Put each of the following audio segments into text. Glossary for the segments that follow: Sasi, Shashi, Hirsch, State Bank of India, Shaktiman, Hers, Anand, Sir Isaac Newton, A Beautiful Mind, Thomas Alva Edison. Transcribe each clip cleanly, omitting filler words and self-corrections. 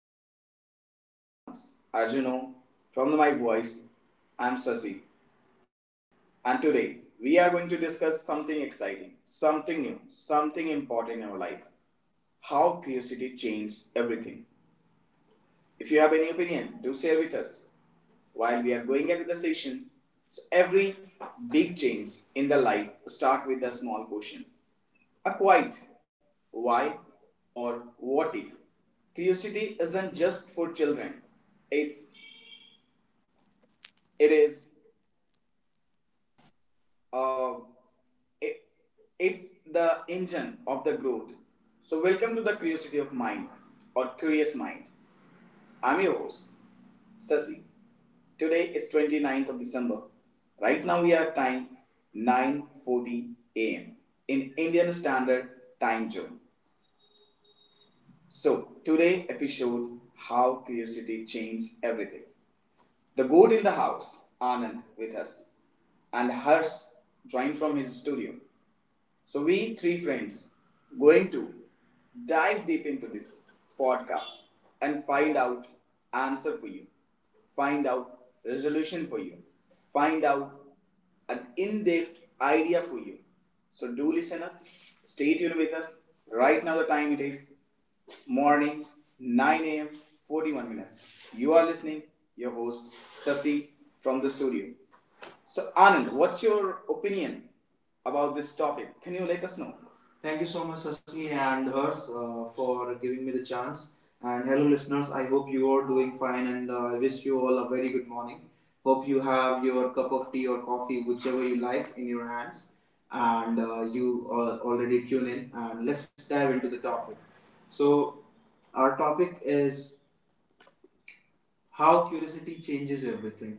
friend. I'm your beloved ones. As you know from my voice, I'm Sasi. And today, we are going to discuss something exciting, something new, something important in our life, how curiosity changes everything. If you have any opinion, do share with us. While we are going at the session, so every big change in the life start with a small question. A why or what if. Curiosity isn't just for children. It's it is uh it, it's the engine of the growth. So welcome to the curiosity of mind or curious mind. I'm your host, Sasi. Today is twenty ninth of December. Right now we are at time 9:40 a.m. in Indian Standard Time Zone. So, today episode, How Curiosity Changes Everything. The goat in the house, Anand, with us, and Hers drawing from his studio. So, we three friends going to dive deep into this podcast and find out answer for you, find out resolution for you, find out an in-depth idea for you. So do listen us, stay tuned with us. Right now the time it is morning 9 a.m. 41 minutes. You are listening your host Sasi from the studio. So, Anand, what's your opinion about this topic? Can you let us know? Thank you so much, Sasni and Hers, for giving me the chance. And hello, listeners. I hope you are doing fine, and I wish you all a very good morning. Hope you have your cup of tea or coffee, whichever you like, in your hands, and you are already tune in. And let's dive into the topic. So, our topic is how curiosity changes everything.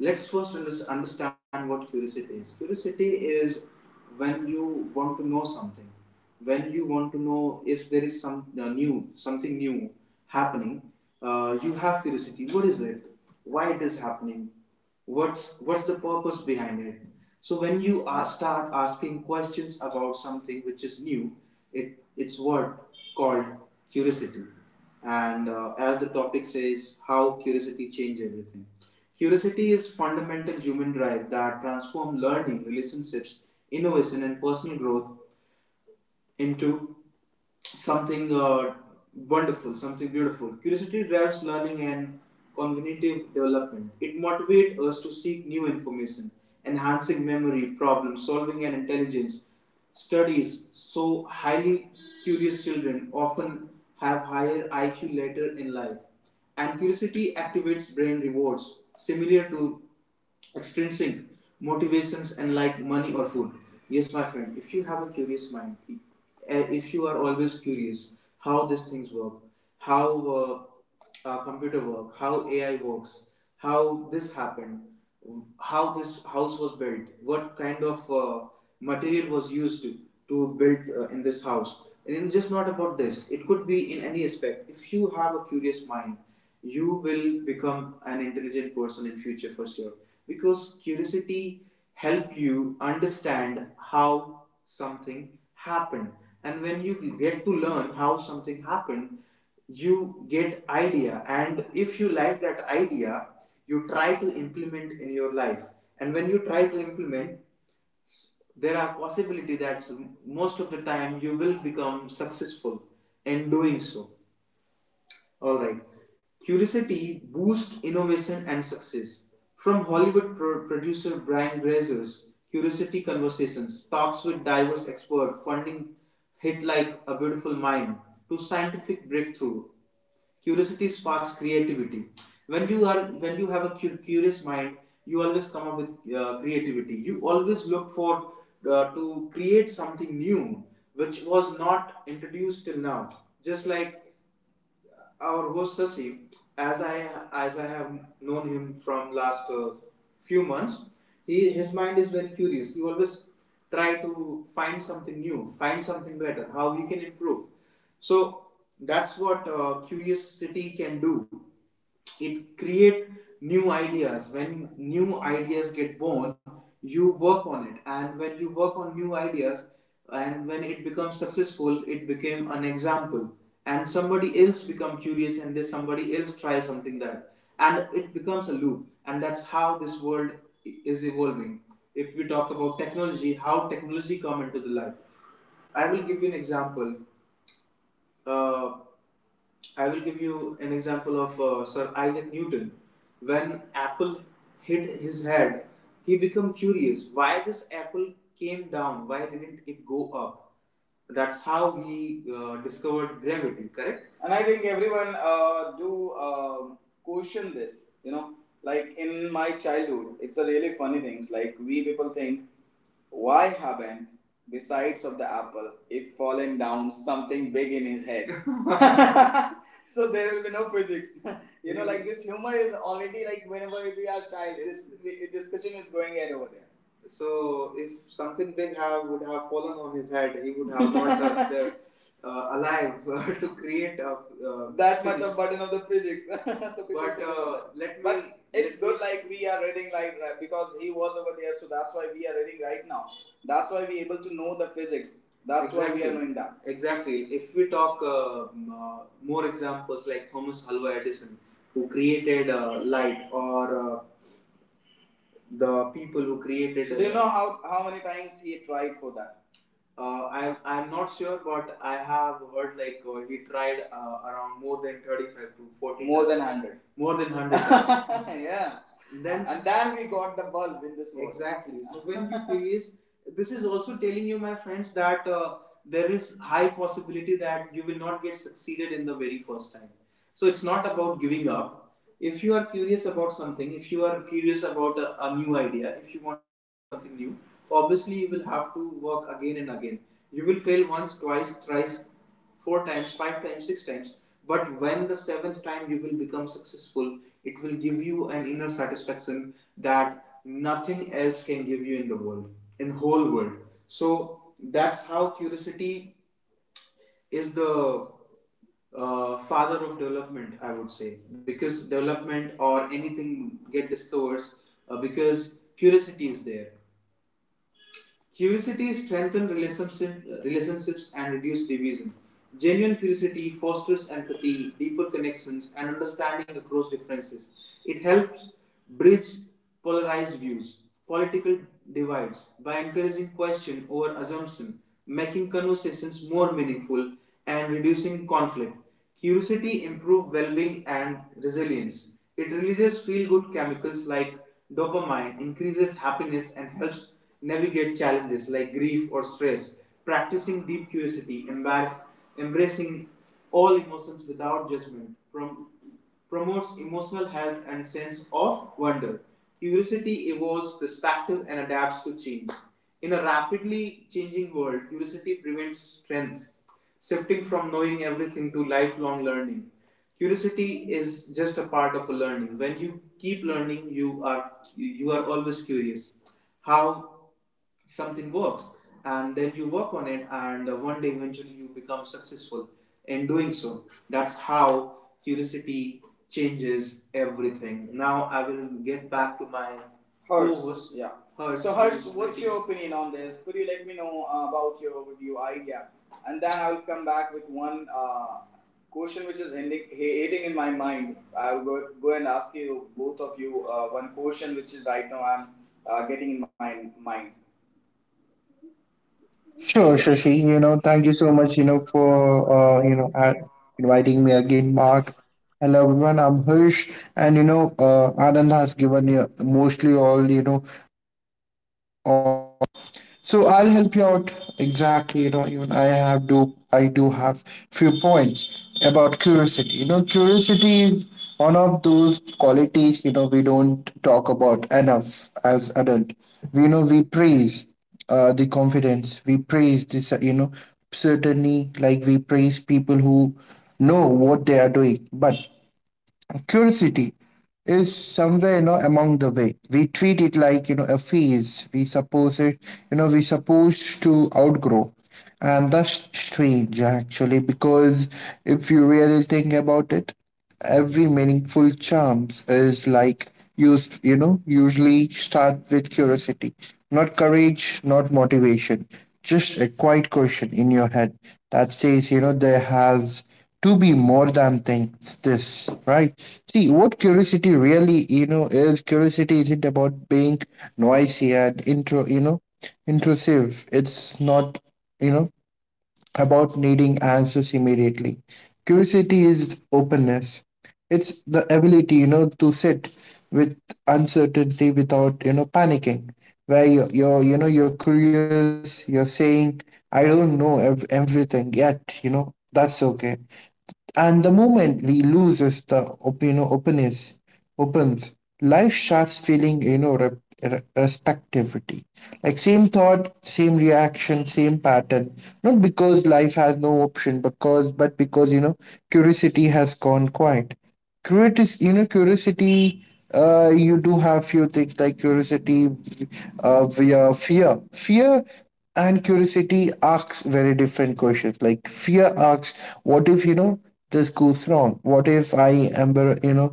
Let's first understand what curiosity is. Curiosity is when you want to know something, when you want to know if there is some new something new happening. You have curiosity. What is it? Why it is happening? What's the purpose behind it? So when you start asking questions about something which is new, it's what called curiosity, and as the topic says, how curiosity changes everything. Curiosity is fundamental human drive that transforms learning, relationships, innovation, and personal growth into something wonderful, something beautiful. Curiosity drives learning and cognitive development. It motivates us to seek new information, enhancing memory, problem solving, and intelligence. Studies show highly curious children often have higher IQ later in life, and curiosity activates brain rewards similar to extrinsic motivations and like money or food. Yes, my friend, if you have a curious mind, if you are always curious how these things work, how computer work, how AI works, how this happened, how this house was built, what kind of material was used to build in this house. And it's just not about this, it could be in any aspect. If you have a curious mind, you will become an intelligent person in future for sure because curiosity help you understand how something happened, and when you get to learn how something happened you get idea, and if you like that idea you try to implement in your life, and when you try to implement there are possibility that most of the time you will become successful in doing so, all right. Curiosity boosts innovation and success. From Hollywood producer Brian Grazer's Curiosity Conversations, talks with diverse experts funding hit like A Beautiful Mind to scientific breakthrough. Curiosity sparks creativity. When you have a curious mind, you always come up with creativity. You always look for to create something new, which was not introduced till now. Just like our host Sasi, as I have known him from last few months, he his mind is very curious. He always try to find something new, find something better, how he can improve. So that's what curiosity can do. It create new ideas. When new ideas get born you work on it, and when you work on new ideas and when it becomes successful it became an example, and somebody else become curious and then somebody else try something that, and it becomes a loop, and that's how this world is evolving. If we talk about technology, how technology come into the life, I will give you an example. Uh, I will give you an example of Sir Isaac Newton. When apple hit his head, he became curious why this apple came down, why didn't it go up? That's how he discovered gravity, correct? And I think everyone do question this, you know, like in my childhood it's a really funny things like we people think, why haven't besides of the apple if fallen down something big in his head so there will be no physics. You know, like this humor is already like whenever we are child, this discussion is going ahead over there. So if something big have would have fallen on his head, he would have not alive to create a that much physics. Much of burden of the physics. so But let me. But it's let good me- like we are reading like right, because he was over there, so that's why we are reading right now. That's why we're able to know the physics. That's exactly why we are, exactly, knowing that. Exactly. If we talk more examples like Thomas Alva Edison, who created light, or the people who created. So do you know how many times he tried for that? I'm not sure, but I have heard like he tried around more than 35 to 40. More times than 100. More than 100. Yeah. Then and then we got the bulb in this wall. Exactly. So when you release, this is also telling you, my friends, that there is high possibility that you will not get succeeded in the very first time, so it's not about giving up. If you are curious about something, if you are curious about a new idea, if you want to create something new, obviously you will have to work again and again. You will fail once, twice, thrice, four times, five times, six times. But when the seventh time you will become successful, it will give you an inner satisfaction that nothing else can give you in the world, in whole world. So that's how curiosity is the father of development, I would say, because development or anything get discovers because curiosity is there. Curiosity strengthens relationships and reduces division. Genuine curiosity fosters empathy, deeper connections, and understanding across differences. It helps bridge polarized views, political divides, by encouraging question over assumption, making conversations more meaningful, and reducing conflict. Curiosity improves well-being and resilience. It releases feel-good chemicals like dopamine, increases happiness and helps navigate challenges like grief or stress. Practicing deep curiosity, embracing all emotions without judgment, promotes emotional health and sense of wonder. Curiosity evolves perspective and adapts to change. In a rapidly changing world, curiosity prevents trends, shifting from knowing everything to lifelong learning. Curiosity is just a part of a learning. When you keep learning, you are always curious. How something works, and then you work on it, and one day eventually you become successful in doing so. That's how curiosity changes everything. Now I will get back to my Hers, yeah. Hers, so, Hers, what's your opinion on this? Could you let me know about your overview idea? And then I'll come back with one question which is hitting in my mind. I'll go and ask you, both of you, one question which is right now I'm getting in my mind. Sure, Shashi. Thank you so much, for inviting me again, Mark. Hello, everyone. I'm Hirsch, and Anand has given you mostly all, so I'll help you out exactly. Even I have do I do have few points about curiosity. Curiosity is one of those qualities, we don't talk about enough as adult. We praise the confidence. We praise this. Certainly, like, we praise people who know what they are doing, but curiosity is somewhere, among the way we treat it, like, a phase we suppose it, we supposed to outgrow. And that's strange actually, because if you really think about it, every meaningful charms is like used, usually start with curiosity, not courage, not motivation, just a quiet question in your head that says, there has to be more than things this, right? See what curiosity really, is. Curiosity isn't about being noisy and intro you know intrusive. It's not, you know about needing answers immediately. Curiosity is openness. It's the ability, to sit with uncertainty without, panicking. Where you're, you're curious, you're saying, I don't know everything yet, that's okay. And the moment we loses the openness opens, life starts feeling, respectivity. Like same thought, same reaction, same pattern. Not because life has no option, because, curiosity has gone quiet. Curious you know Curiosity, you do have few things like curiosity, via fear. And curiosity asks very different questions. Like, fear asks, what if, this goes wrong, what if I am, you know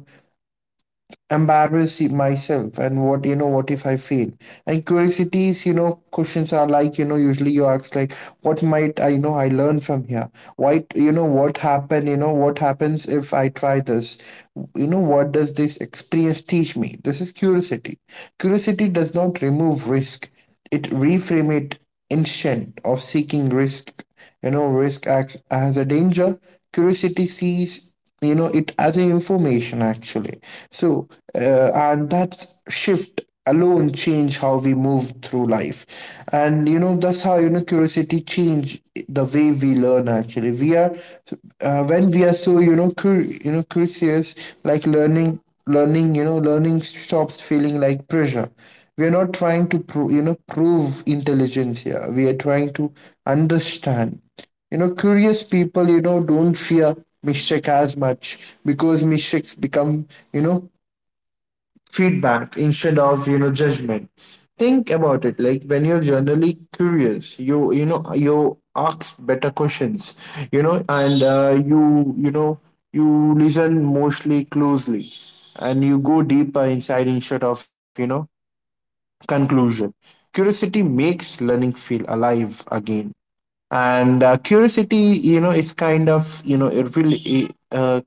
embarrass myself, and what, what if I fail? And curiosities, questions are like, usually you ask, like, what might I, I learn from here? Why, what happened, what happens if I try this, what does this experience teach me? This is curiosity. Curiosity does not remove risk, it reframe it. Instead of seeking risk, risk acts as a danger, curiosity sees, it as an information actually. So, and that shift alone change how we move through life, and, that's how, curiosity change the way we learn actually. We are When we are so, curious, like, learning learning you know learning stops feeling like pressure. We are not trying to prove intelligence here, we are trying to understand. Curious people, don't fear mistake as much, because mistakes become, you know, feedback instead of, judgment. Think about it. Like, when you're generally curious, you ask better questions, and you listen mostly closely, and you go deeper inside instead of, conclusion. Curiosity makes learning feel alive again. And curiosity, it's kind of, it really,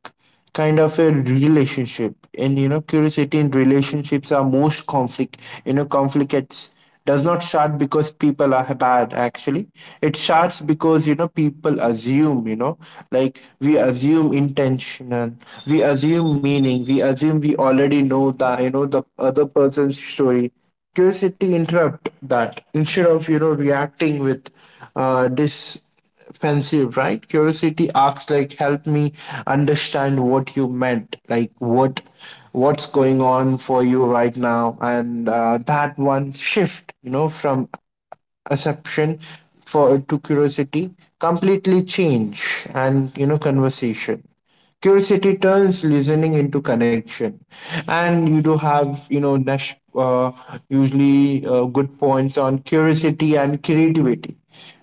kind of a relationship. And, curiosity in relationships are most conflicts does not start because people are bad actually. It starts because, people assume, like, we assume intentional, we assume meaning, we assume we already know the, the other person's story. Curiosity interrupt that. Instead of, reacting with defensive, right, curiosity asks, like, help me understand what you meant, like, what, what's going on for you right now? And that one shift, from assumption for to curiosity, completely change and, conversation. Curiosity turns listening into connection. And you do have, dash, usually, good points on curiosity and creativity.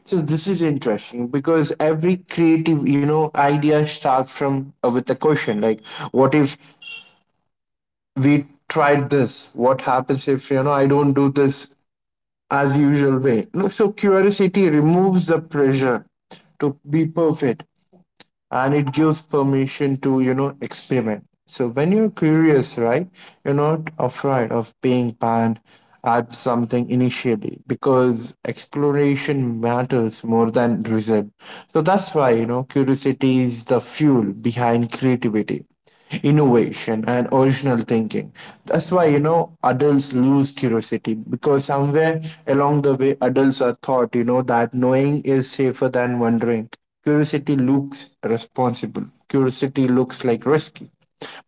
So this is interesting, because every creative, idea starts from, with a question, like, what if we tried this, what happens if, I don't do this as usual way. No, so curiosity removes the pressure to be perfect, and it gives permission to, experiment. So when you're curious, right, you're not afraid of being banned at something initially, because exploration matters more than result. So that's why, curiosity is the fuel behind creativity, innovation and original thinking. That's why, adults lose curiosity, because somewhere along the way, adults are taught, that knowing is safer than wondering. Curiosity looks responsible, curiosity looks like risky,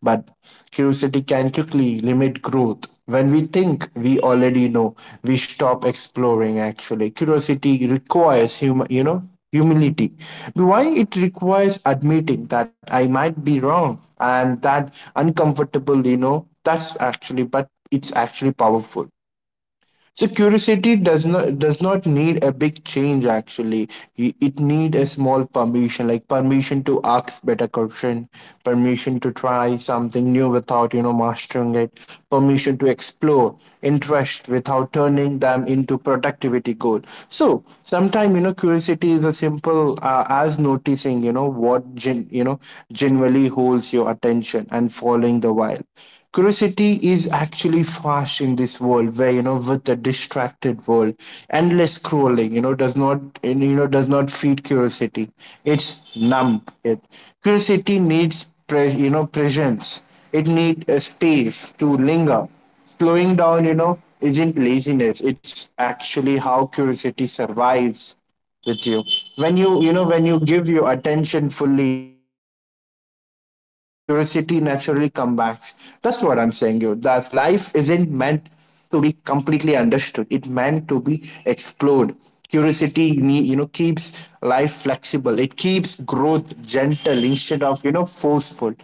but curiosity can quickly limit growth. When we think we already know, we stop exploring actually. Curiosity requires humility. Why? It requires admitting that I might be wrong, and that uncomfortable, that's actually, but it's actually powerful. So curiosity does not need a big change actually. It need a small permission, like, permission to ask better question, permission to try something new without, mastering it, permission to explore interest without turning them into productivity goal. So sometimes, curiosity is as simple, as noticing, you know what gen- you know generally holds your attention and following the while. Curiosity is actually fast in this world where, with the distracted world, endless scrolling, does not, does not feed curiosity. It's numb. It. Curiosity needs, presence. It needs a space to linger. Slowing down, isn't laziness. It's actually how curiosity survives with you. When you give your attention fully, curiosity naturally comes back. That's what I'm saying, you, that life isn't meant to be completely understood, it meant to be explored. Curiosity keeps life flexible, it keeps growth gentle instead of, forceful.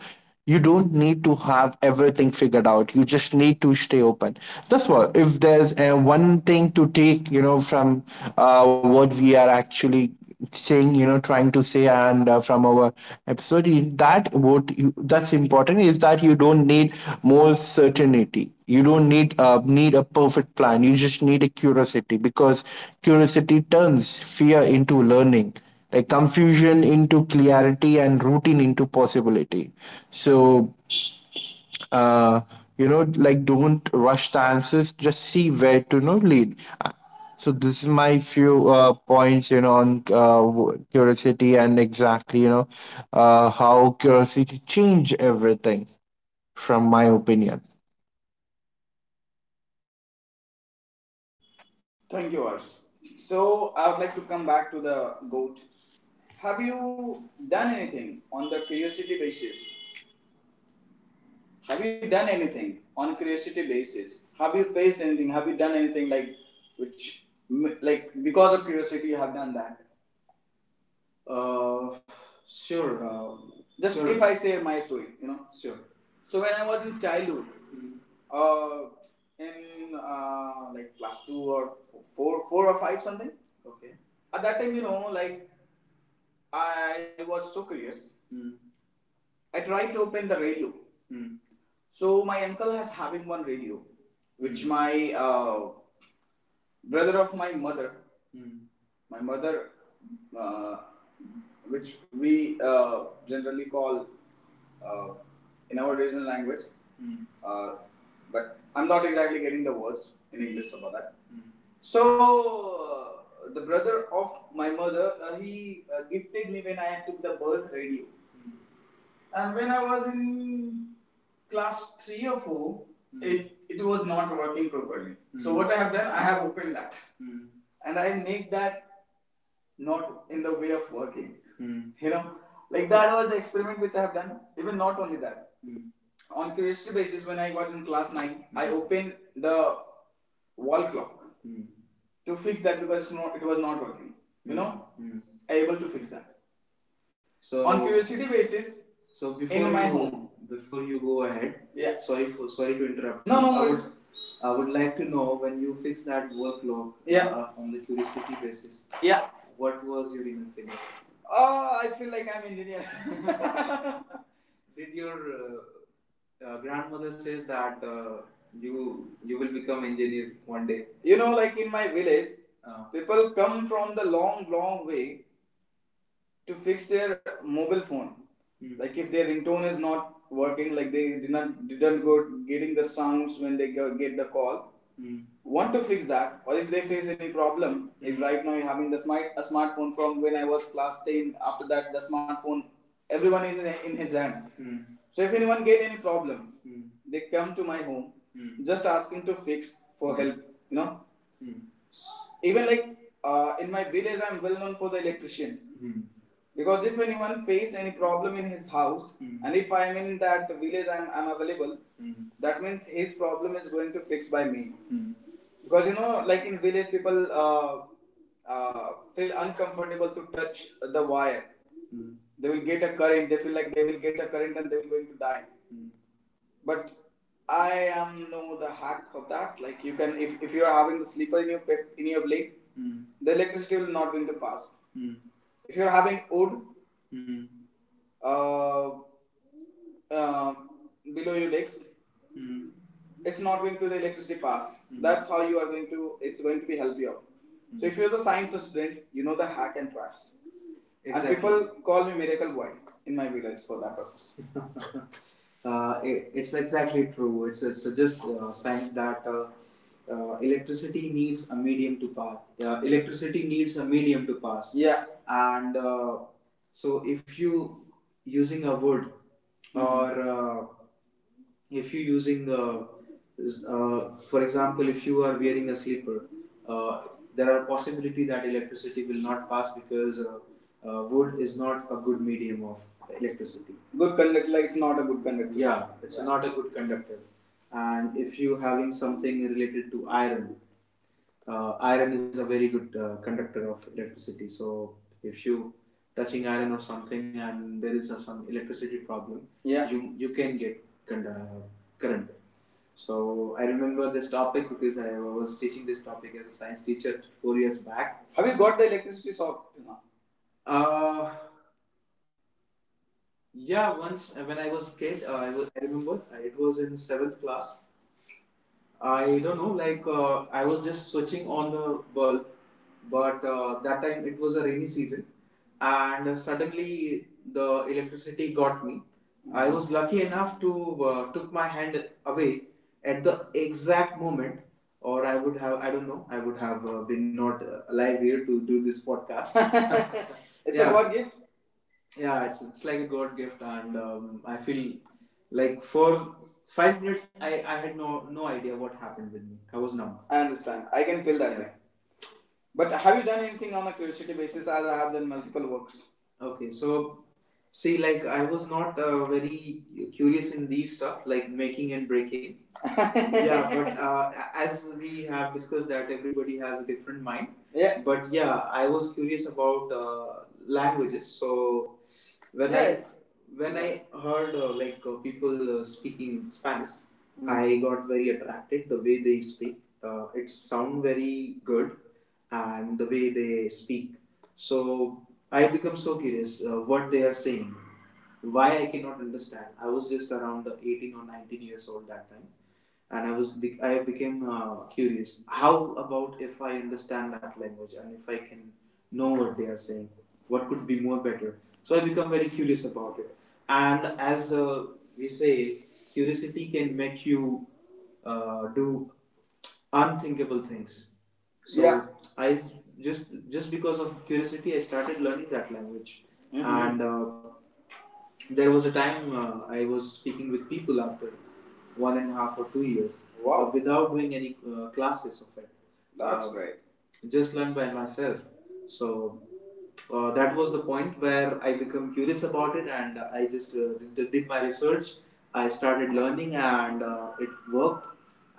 You don't need to have everything figured out, you just need to stay open. That's what, if there's one thing to take, from, what we are actually saying, trying to say, and from our episode, that what you, that's important, is that you don't need more certainty, you don't need a perfect plan, you just need a curiosity, because curiosity turns fear into learning, like confusion into clarity, and routine into possibility. So, uh, like, don't rush the answers, just see where to, lead. Uh, so this is my few points, on, curiosity, and exactly, how curiosity change everything from my opinion. Thank you, Arsh. So I would like to come back to the goat. Have you done anything on the curiosity basis? Have you done anything on curiosity basis? Have you faced anything? Have you done anything like which like because of curiosity you have done that? Uh, sure. Uh, sure. If I share my story, you know. Sure. So when I was in childhood, mm, uh, in like class two or four, four or five something. Okay. At that time, you know, like I was so curious. Mm. I tried to open the radio. Mm. So my uncle has having one radio, which, mm, my brother of my mother. Hmm. My mother, uh, which we generally call uh, in our regional language, hmm, uh, but I'm not exactly getting the words in English about that. Hmm. So the brother of my mother, he gifted me when I took the birth radio. Hmm. And when I was in class three or four, hmm, It was not working properly. Mm. So, what I have done, I have opened that. Hmm. And I make that not in the way of working. Hmm. You know, like that was the experiment which I have done. Even not only that, on curiosity basis, when I was in class nine, I opened the wall clock to fix that because no, it was not working. You mm. know, Hmm. I able to fix that. So on curiosity basis. So before in my you, home. Before you go ahead, yeah, sorry to interrupt. No, no, no, I would like to know when you fix that work log. Yeah. On the curiosity basis. Yeah. What was your inner feeling? Oh, I feel like I'm an engineer. Did your grandmother says that you will become engineer one day? Like in my village, people come from the long, long way to fix their mobile phone. Hmm. Like if their ringtone is not working, like they didn't go getting the sounds when they go, get the call. Mm. Want to fix that, or if they face any problem, if right now you're having the smart a smartphone from when I was class ten. After that, the smartphone everyone is in his hand. Mm. So if anyone get any problem, they come to my home, Mm. just asking to fix for help. You know, Mm. Even, like, in my village, I'm well known for the electrician. Hmm. Because if anyone face any problem in his house, and if I'm in that village, I'm available, that means his problem is going to fix by me. Hmm. Because like in village, people uh, feel uncomfortable to touch the wire. Hmm. They will get a current. They feel like they will get a current and they will going to die. Hmm but I am no the hack of that. Like you can, if you are having the sleeper in in your leg, Mm. the electricity will not going to pass. Mm. If you are having wood, Mm. uh, uh, below your legs, Mm. it's not going to the electricity pass. Mhm. That's how you are going to. It's going to be help you out. Mm. So if you're the science student, you know the hack and tracks. Exactly. And people call me miracle boy in my village for that purpose. It's exactly true. It suggests science that electricity needs a medium to pass. Electricity needs a medium to pass. Yeah, and so if you using a wood, mm-hmm, or if you using for example, if you are wearing a slipper, uh, there are possibility that electricity will not pass because wood is not a good medium of electricity. Good conductor, like it's not a good conductor. Yeah, it's, yeah, not a good conductor. And if you having something related to iron, iron is a very good conductor of electricity. So if you touching iron or something and there is some electricity problem, yeah, you can get current. So I remember this topic because I was teaching this topic as a science teacher 4 years back. Have you got the electricity solved now? uh yeah, once, when I was a kid, I remember, it was in seventh class. I don't know, like, I was just switching on the bulb, but that time it was a rainy season, and suddenly the electricity got me. I was lucky enough to took my hand away at the exact moment, or I would have, I don't know, I would have been not alive here to do this podcast. It's a, yeah, God gift. Yeah, it's like a god gift, and I feel like for 5 minutes I had no idea what happened with me. I was numb. I understand. I can feel that, yeah, way. But have you done anything on a curiosity basis as I have done multiple works? Okay, so see, like I was not very curious in these stuff like making and breaking, yeah, but as we have discussed that everybody has a different mind. Yeah, but yeah, I was curious about languages. So when, yes, I when I heard like people speaking Spanish, Mm. I got very attracted the way they speak. It sound very good and the way they speak. So I become so curious what they are saying, why I cannot understand. I was just around 18 or 19 years old that time, and I became curious. How about if I understand that language and if I can know what they are saying? What could be more better? So I become very curious about it. And as we say, curiosity can make you do unthinkable things. So, yeah, I just because of curiosity, I started learning that language. Mhm. And there was a time, I was speaking with people after one and a half or 2 years. Wow. Without doing any classes of it. That's, great. Just learned by myself. So that was the point where I became curious about it, and I just, did my research. I started learning, and it worked,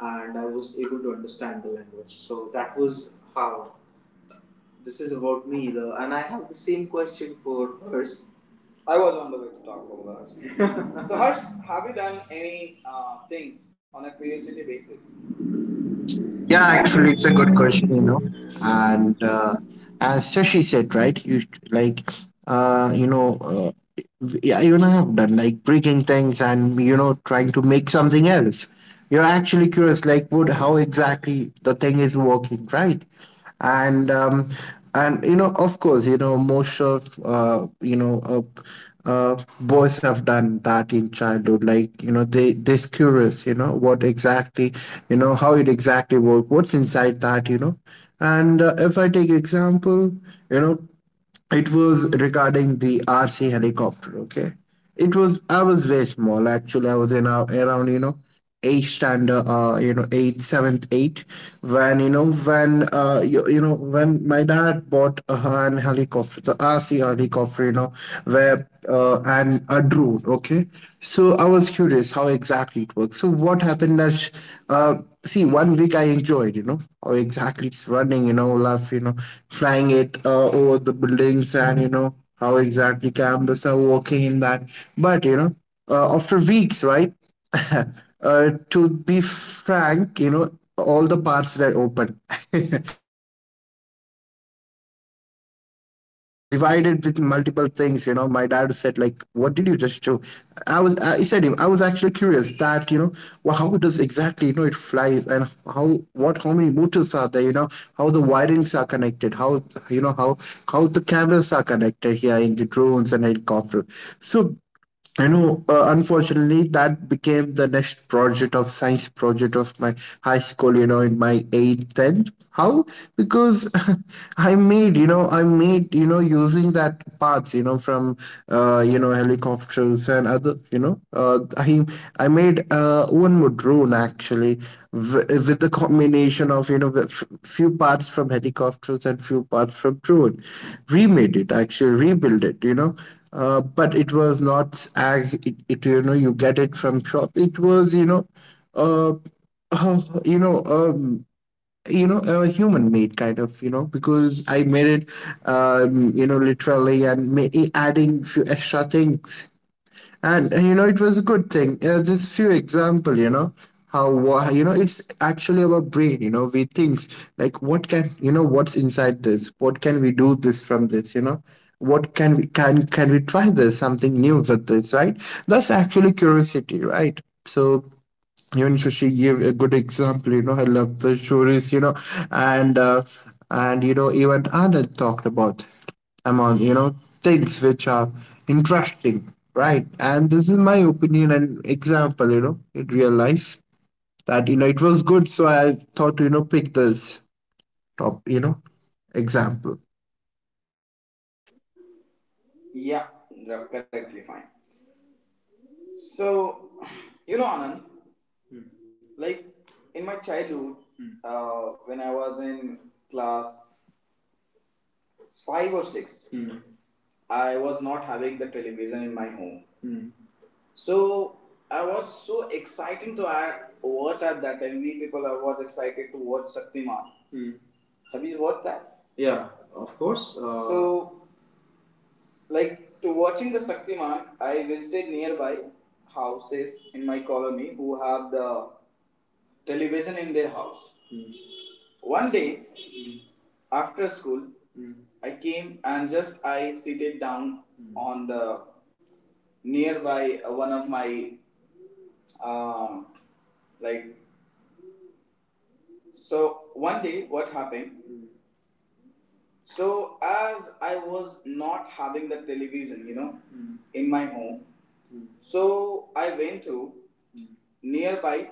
and I was able to understand the language. So that was how. This is about me. And I have the same question for hers. I was on the way to talk about ours. So, Harsh, have you done any things on a curiosity basis? Yeah, actually, it's a good question, And as Shashi said, right? You sh- like, you know, yeah, I have done like breaking things, and, trying to make something else. You're actually curious, like, what, how exactly the thing is working, right? And and of course, most of, uh, boys have done that in childhood, like, they're curious, what exactly, how it exactly works, what's inside that, and if I take example, you know it was regarding the RC helicopter. Okay, it was I was very small actually. I was in, around, eighth standard, eighth, seventh, eight. When you know when you, you know when my dad bought an helicopter, the RC helicopter, where and a drone. Okay, so I was curious how exactly it works. So what happened is, uh, see, one week I enjoyed, how exactly it's running, Olaf, flying it over the buildings, and, how exactly cameras are working in that. But, after weeks, right? To be frank, all the parts were open, right? It was divided with multiple things. My dad said, like, "What did you just do?" I was, he said, him, I was actually curious that, well, how it does exactly, it flies, and how what how many motors are there? How the wirings are connected, how you know how the cameras are connected here in the drones and helicopter. So I know, unfortunately, that became the next project of science project of my high school, in my eighth, tenth. How? Because I made, using that parts, from, helicopters and other, I made one more drone actually, with the combination of, few parts from helicopters and few parts from drone. Remade it, actually, rebuild it, but it was not as it, you get it from shop. It was, uh, uh you know um a human made kind of, because I made it, literally, and adding few extra things. And, it was a good thing, just few example, how, it's actually our brain, we think, like, what can, what's inside this, what can we do this from this, what can we, can we try this something new with this, right? That's actually curiosity, right? So even Shashi gave a good example. I love the stories. And even Anand talked about among, things which are interesting, right? And this is my opinion and example. In real life, that, it was good, so I thought to, pick this top you know example. Yeah, correctly, fine. So, you know, Anand, Hmm. like in my childhood, when I was in class 5 or 6, I was not having the television in my home. Hmm. So I was so excited to watch at that time. We people are was excited to watch Shaktiman. Hmm. Have you watched that? Yeah, of course. So like to watching the Shaktiman, I visited nearby houses in my colony who have the television in their house. Hmm. One day, after school, Hmm. I came and just I seated down on the nearby, one of my, um, like, so one day what happened? Mm. So as I was not having the television, in my home, mm. so I went through mm. nearby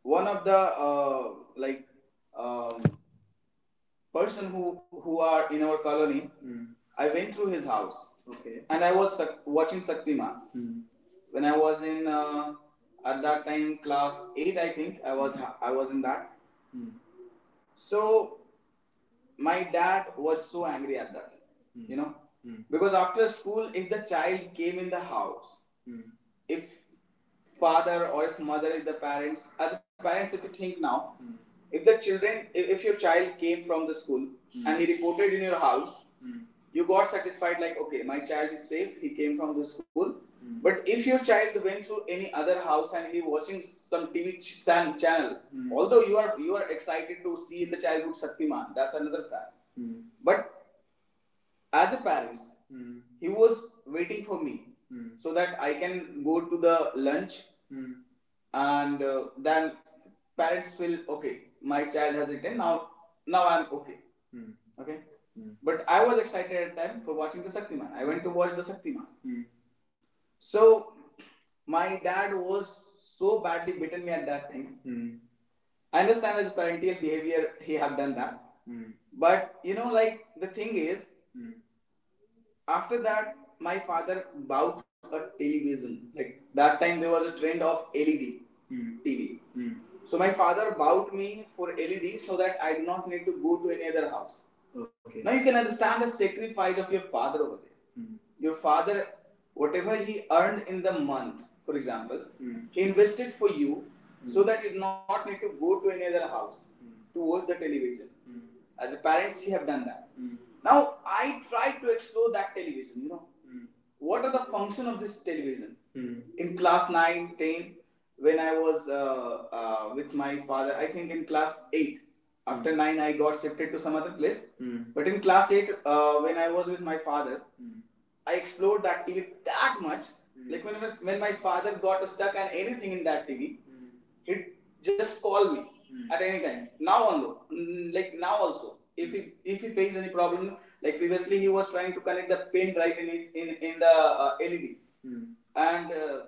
one of the, like, um, person who are in our colony. Mm. I went through his house. Okay, and I was watching Saktiman. Mm. When I was in, at that time class eight, I think I was, I was in that. Mm. So my dad was so angry at that, mm. you know mm. because after school, if the child came in the house, mm. if father or if mother, if the parents, as a parents, if you think now, if the children, if your child came from the school, mm. and he reported in your house, you got satisfied like, okay, my child is safe, he came from the school. Mm. But if your child went through any other house and he watching some TV channel, although you are excited to see in the childhood Shaktiman, that's another fact. Mm. But as a parents, he was waiting for me, Hmm. so that I can go to the lunch, Hmm. and then parents will, okay, my child has eaten now. Now I'm okay. Hmm. Okay. Hmm. But I was excited at the time for watching the Saktiman. I went to watch the Saktiman. Hmm. So my dad was so badly beaten me at that time. Hmm. I understand his parental behavior. He had done that. Hmm. But you know, like the thing is, after that my father bought a television. Like that time there was a trend of LED Hmm. TV. Hmm. So my father bought me for LED so that I do not need to go to any other house. Okay. Now you can understand the sacrifice of your father over there. Hmm. Your father, whatever he earned in the month, for example, he invested for you, Mm. so that you do not need to go to any other house to watch the television. Hmm. As a parents, you have done that. Mm. Now I tried to explore that television. Mm. What are the function of this television? Mm. In class 9, 10, when I was, with my father, I think in class 8. After 9, I got shifted to some other place. Mm. But in class 8, when I was with my father, I explored that TV that much. Mm. Like when, when my father got stuck on anything in that TV, he just call me mm. at any time. Now also, like now also, if he faced any problem, like previously he was trying to connect the pin drive in the LED, and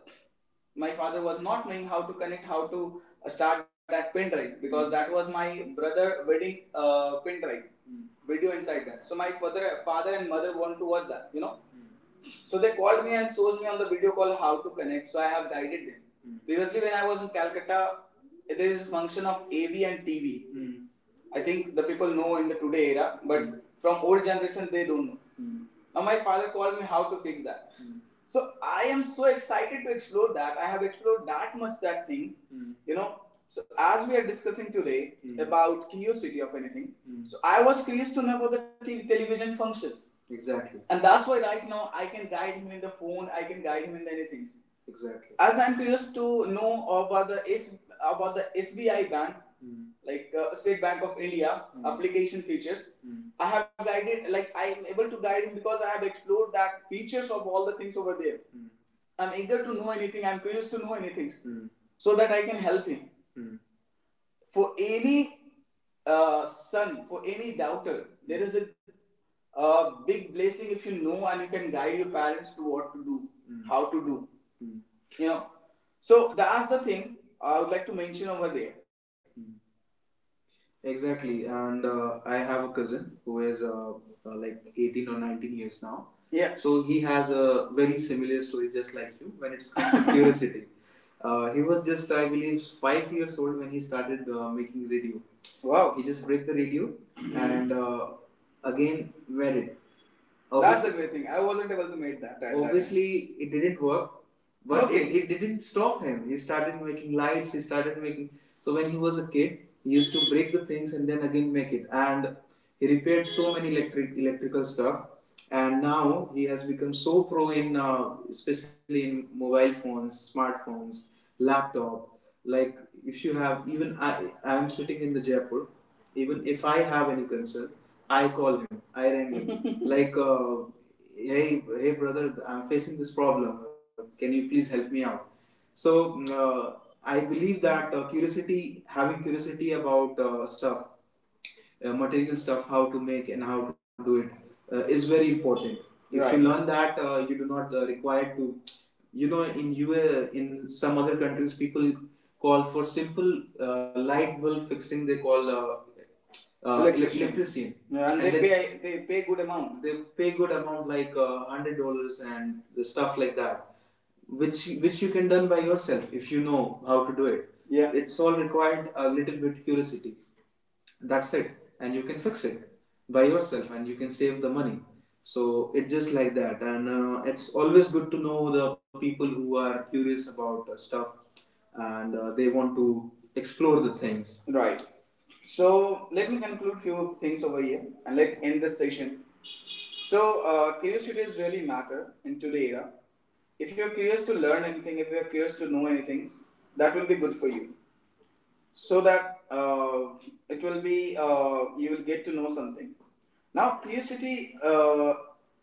my father was not knowing how to connect, how to start that pin drive because that was my brother wedding pin drive mm. video inside that. So my father and mother want to watch that. So they called me and shows me on the video call how to connect. So I have guided them. Mm. Previously, when I was in Calcutta, there is a function of AV and TV. Mm. I think the people know in the today era, but from old generation they don't know. Mm. Now my father called me how to fix that. Mm. So I am so excited to explore that. I have explored that much that thing. So as we are discussing today Mm. about curiosity of anything, so I was curious to know about the TV, television functions. Exactly. And that's why right now I can guide him in the phone. I can guide him in many things. Exactly. As I'm curious to know about the S about the SBI bank, Mm. like State Bank of India. Hmm. Application features. Mm. I have guided, like I am able to guide him because I have explored that features of all the things over there. Mm. I'm eager to know anything. I'm curious to know anything so that I can help him. Mm. For any son, for any doubter, there is a big blessing if you know and you can guide your parents to what to do, how to do. Mm. You know, so that's the thing I would like to mention over there. Mm. Exactly, and I have a cousin who is like 18 or 19 years now. Yeah. So he has a very similar story, just like you, when it's comes to curiosity. He was just, I believe, 5 years old when he started making radio. Wow. He just break the radio and again read it. That's the great thing. I wasn't able to make that. Obviously that it didn't work, but okay, it didn't stop him. He started making lights. He started making. So when he was a kid, he used to break the things and then again make it. And he repaired so many electrical stuff. And now he has become so pro in, especially in mobile phones, smartphones, laptop. Like if you have even I am sitting in the Jaipur. Even if I have any concern, I call him. I rang him. Like, hey, brother, I'm facing this problem. Can you please help me out? So I believe that curiosity, having curiosity about stuff, material stuff, how to make and how to do it, is very important. If, right, you learn that, you do not require to. You know, in US, in some other countries, people call for simple light bulb fixing. They call Electrician, electrician. Yeah, and they pay good amount. They pay good amount like $100 and the stuff like that, which you can done by yourself if you know how to do it. Yeah. It's all required a little bit curiosity, that's it, and you can fix it by yourself and you can save the money. So it's just like that, and it's always good to know the people who are curious about stuff and they want to explore the things. Right. So let me conclude few things over here and let end this session. So curiosities really matter in today era. If you're curious to learn anything, if you're curious to know anything, that will be good for you so that it will be you will get to know something. Now curiosity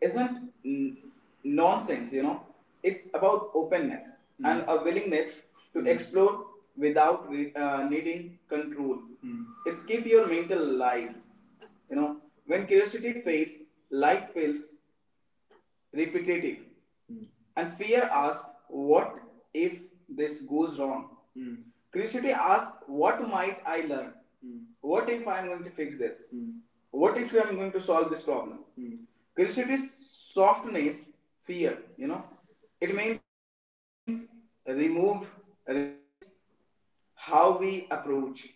isn't n- nonsense, you know. It's about openness and a willingness to, mhm, explore without needing control. Hmm. It's keep your mental alive, you know. When curiosity fades, life feels repetitive. Mm. And fear asks, what if this goes wrong? Mm. Curiosity asks, what might I learn? Mm. What if I'm going to fix this? Mm. What if I'm going to solve this problem? Mm. Curiosity's softness, fear, you know, it means remove risk, but change how we approach.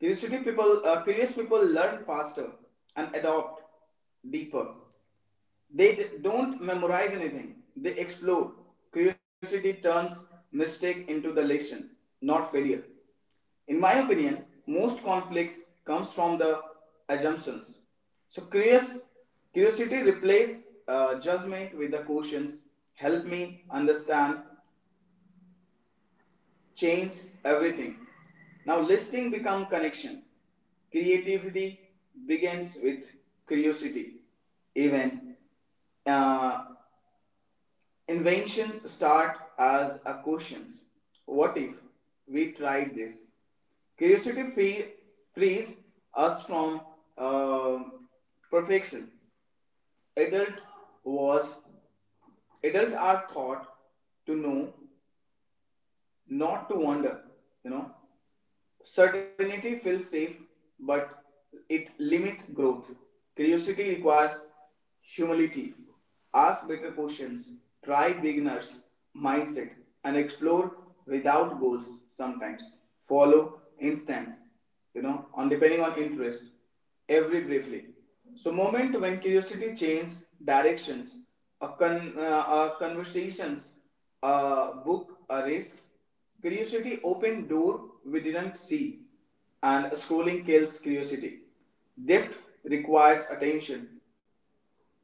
Curious people learn faster and adopt deeper. They don't memorize anything, they explore. Curiosity turns mistake into the lesson, not failure. In my opinion, most conflicts comes from the assumptions. So curious, Curiosity replaces judgment with the questions. Help me understand, change everything. Now listening become connection. Creativity begins with curiosity. Even uh, Inventions start as a questions. What if we tried this? Curiosity free, Frees us from um perfection. Adult was Adult are thought to know, not to wonder. You know, certainty feels safe, but it limits growth. Curiosity requires humility. Ask better questions, try beginners mindset, and explore without goals sometimes. Follow instant, you know, on depending on interest, every briefly. So moment when curiosity changes directions, a conversations, a book, a risk. Curiosity opened door we didn't see, and scrolling kills curiosity. Depth requires attention.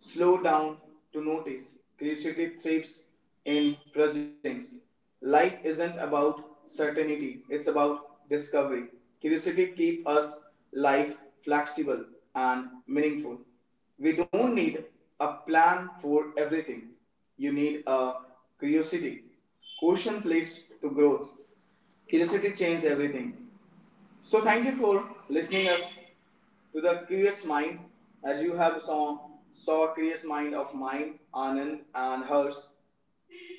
Slow down to notice. Creativity thrives in presence. Life isn't about certainty, it's about discovery. Curiosity keeps us life flexible and meaningful. We don't need a plan for everything. You need a curiosity. Questions leads to growth. Curiosity changes everything. So thank you for listening us to the curious mind. As you have saw a curious mind of mine, Anand, and hers.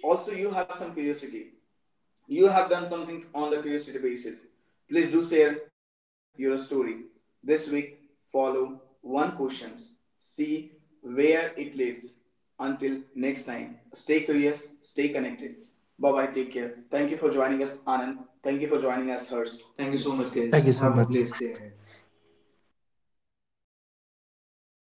Also, you have some curiosity, you have done something on the curiosity basis, please do share your story this week. Follow one questions, see where it leads. Until next time, stay curious, stay connected. Bye bye, take care. Thank you for joining us, Anand. Thank you for joining us, Hurst. Thank you so much, guys. Thank you Have so a blessed day much. ahead.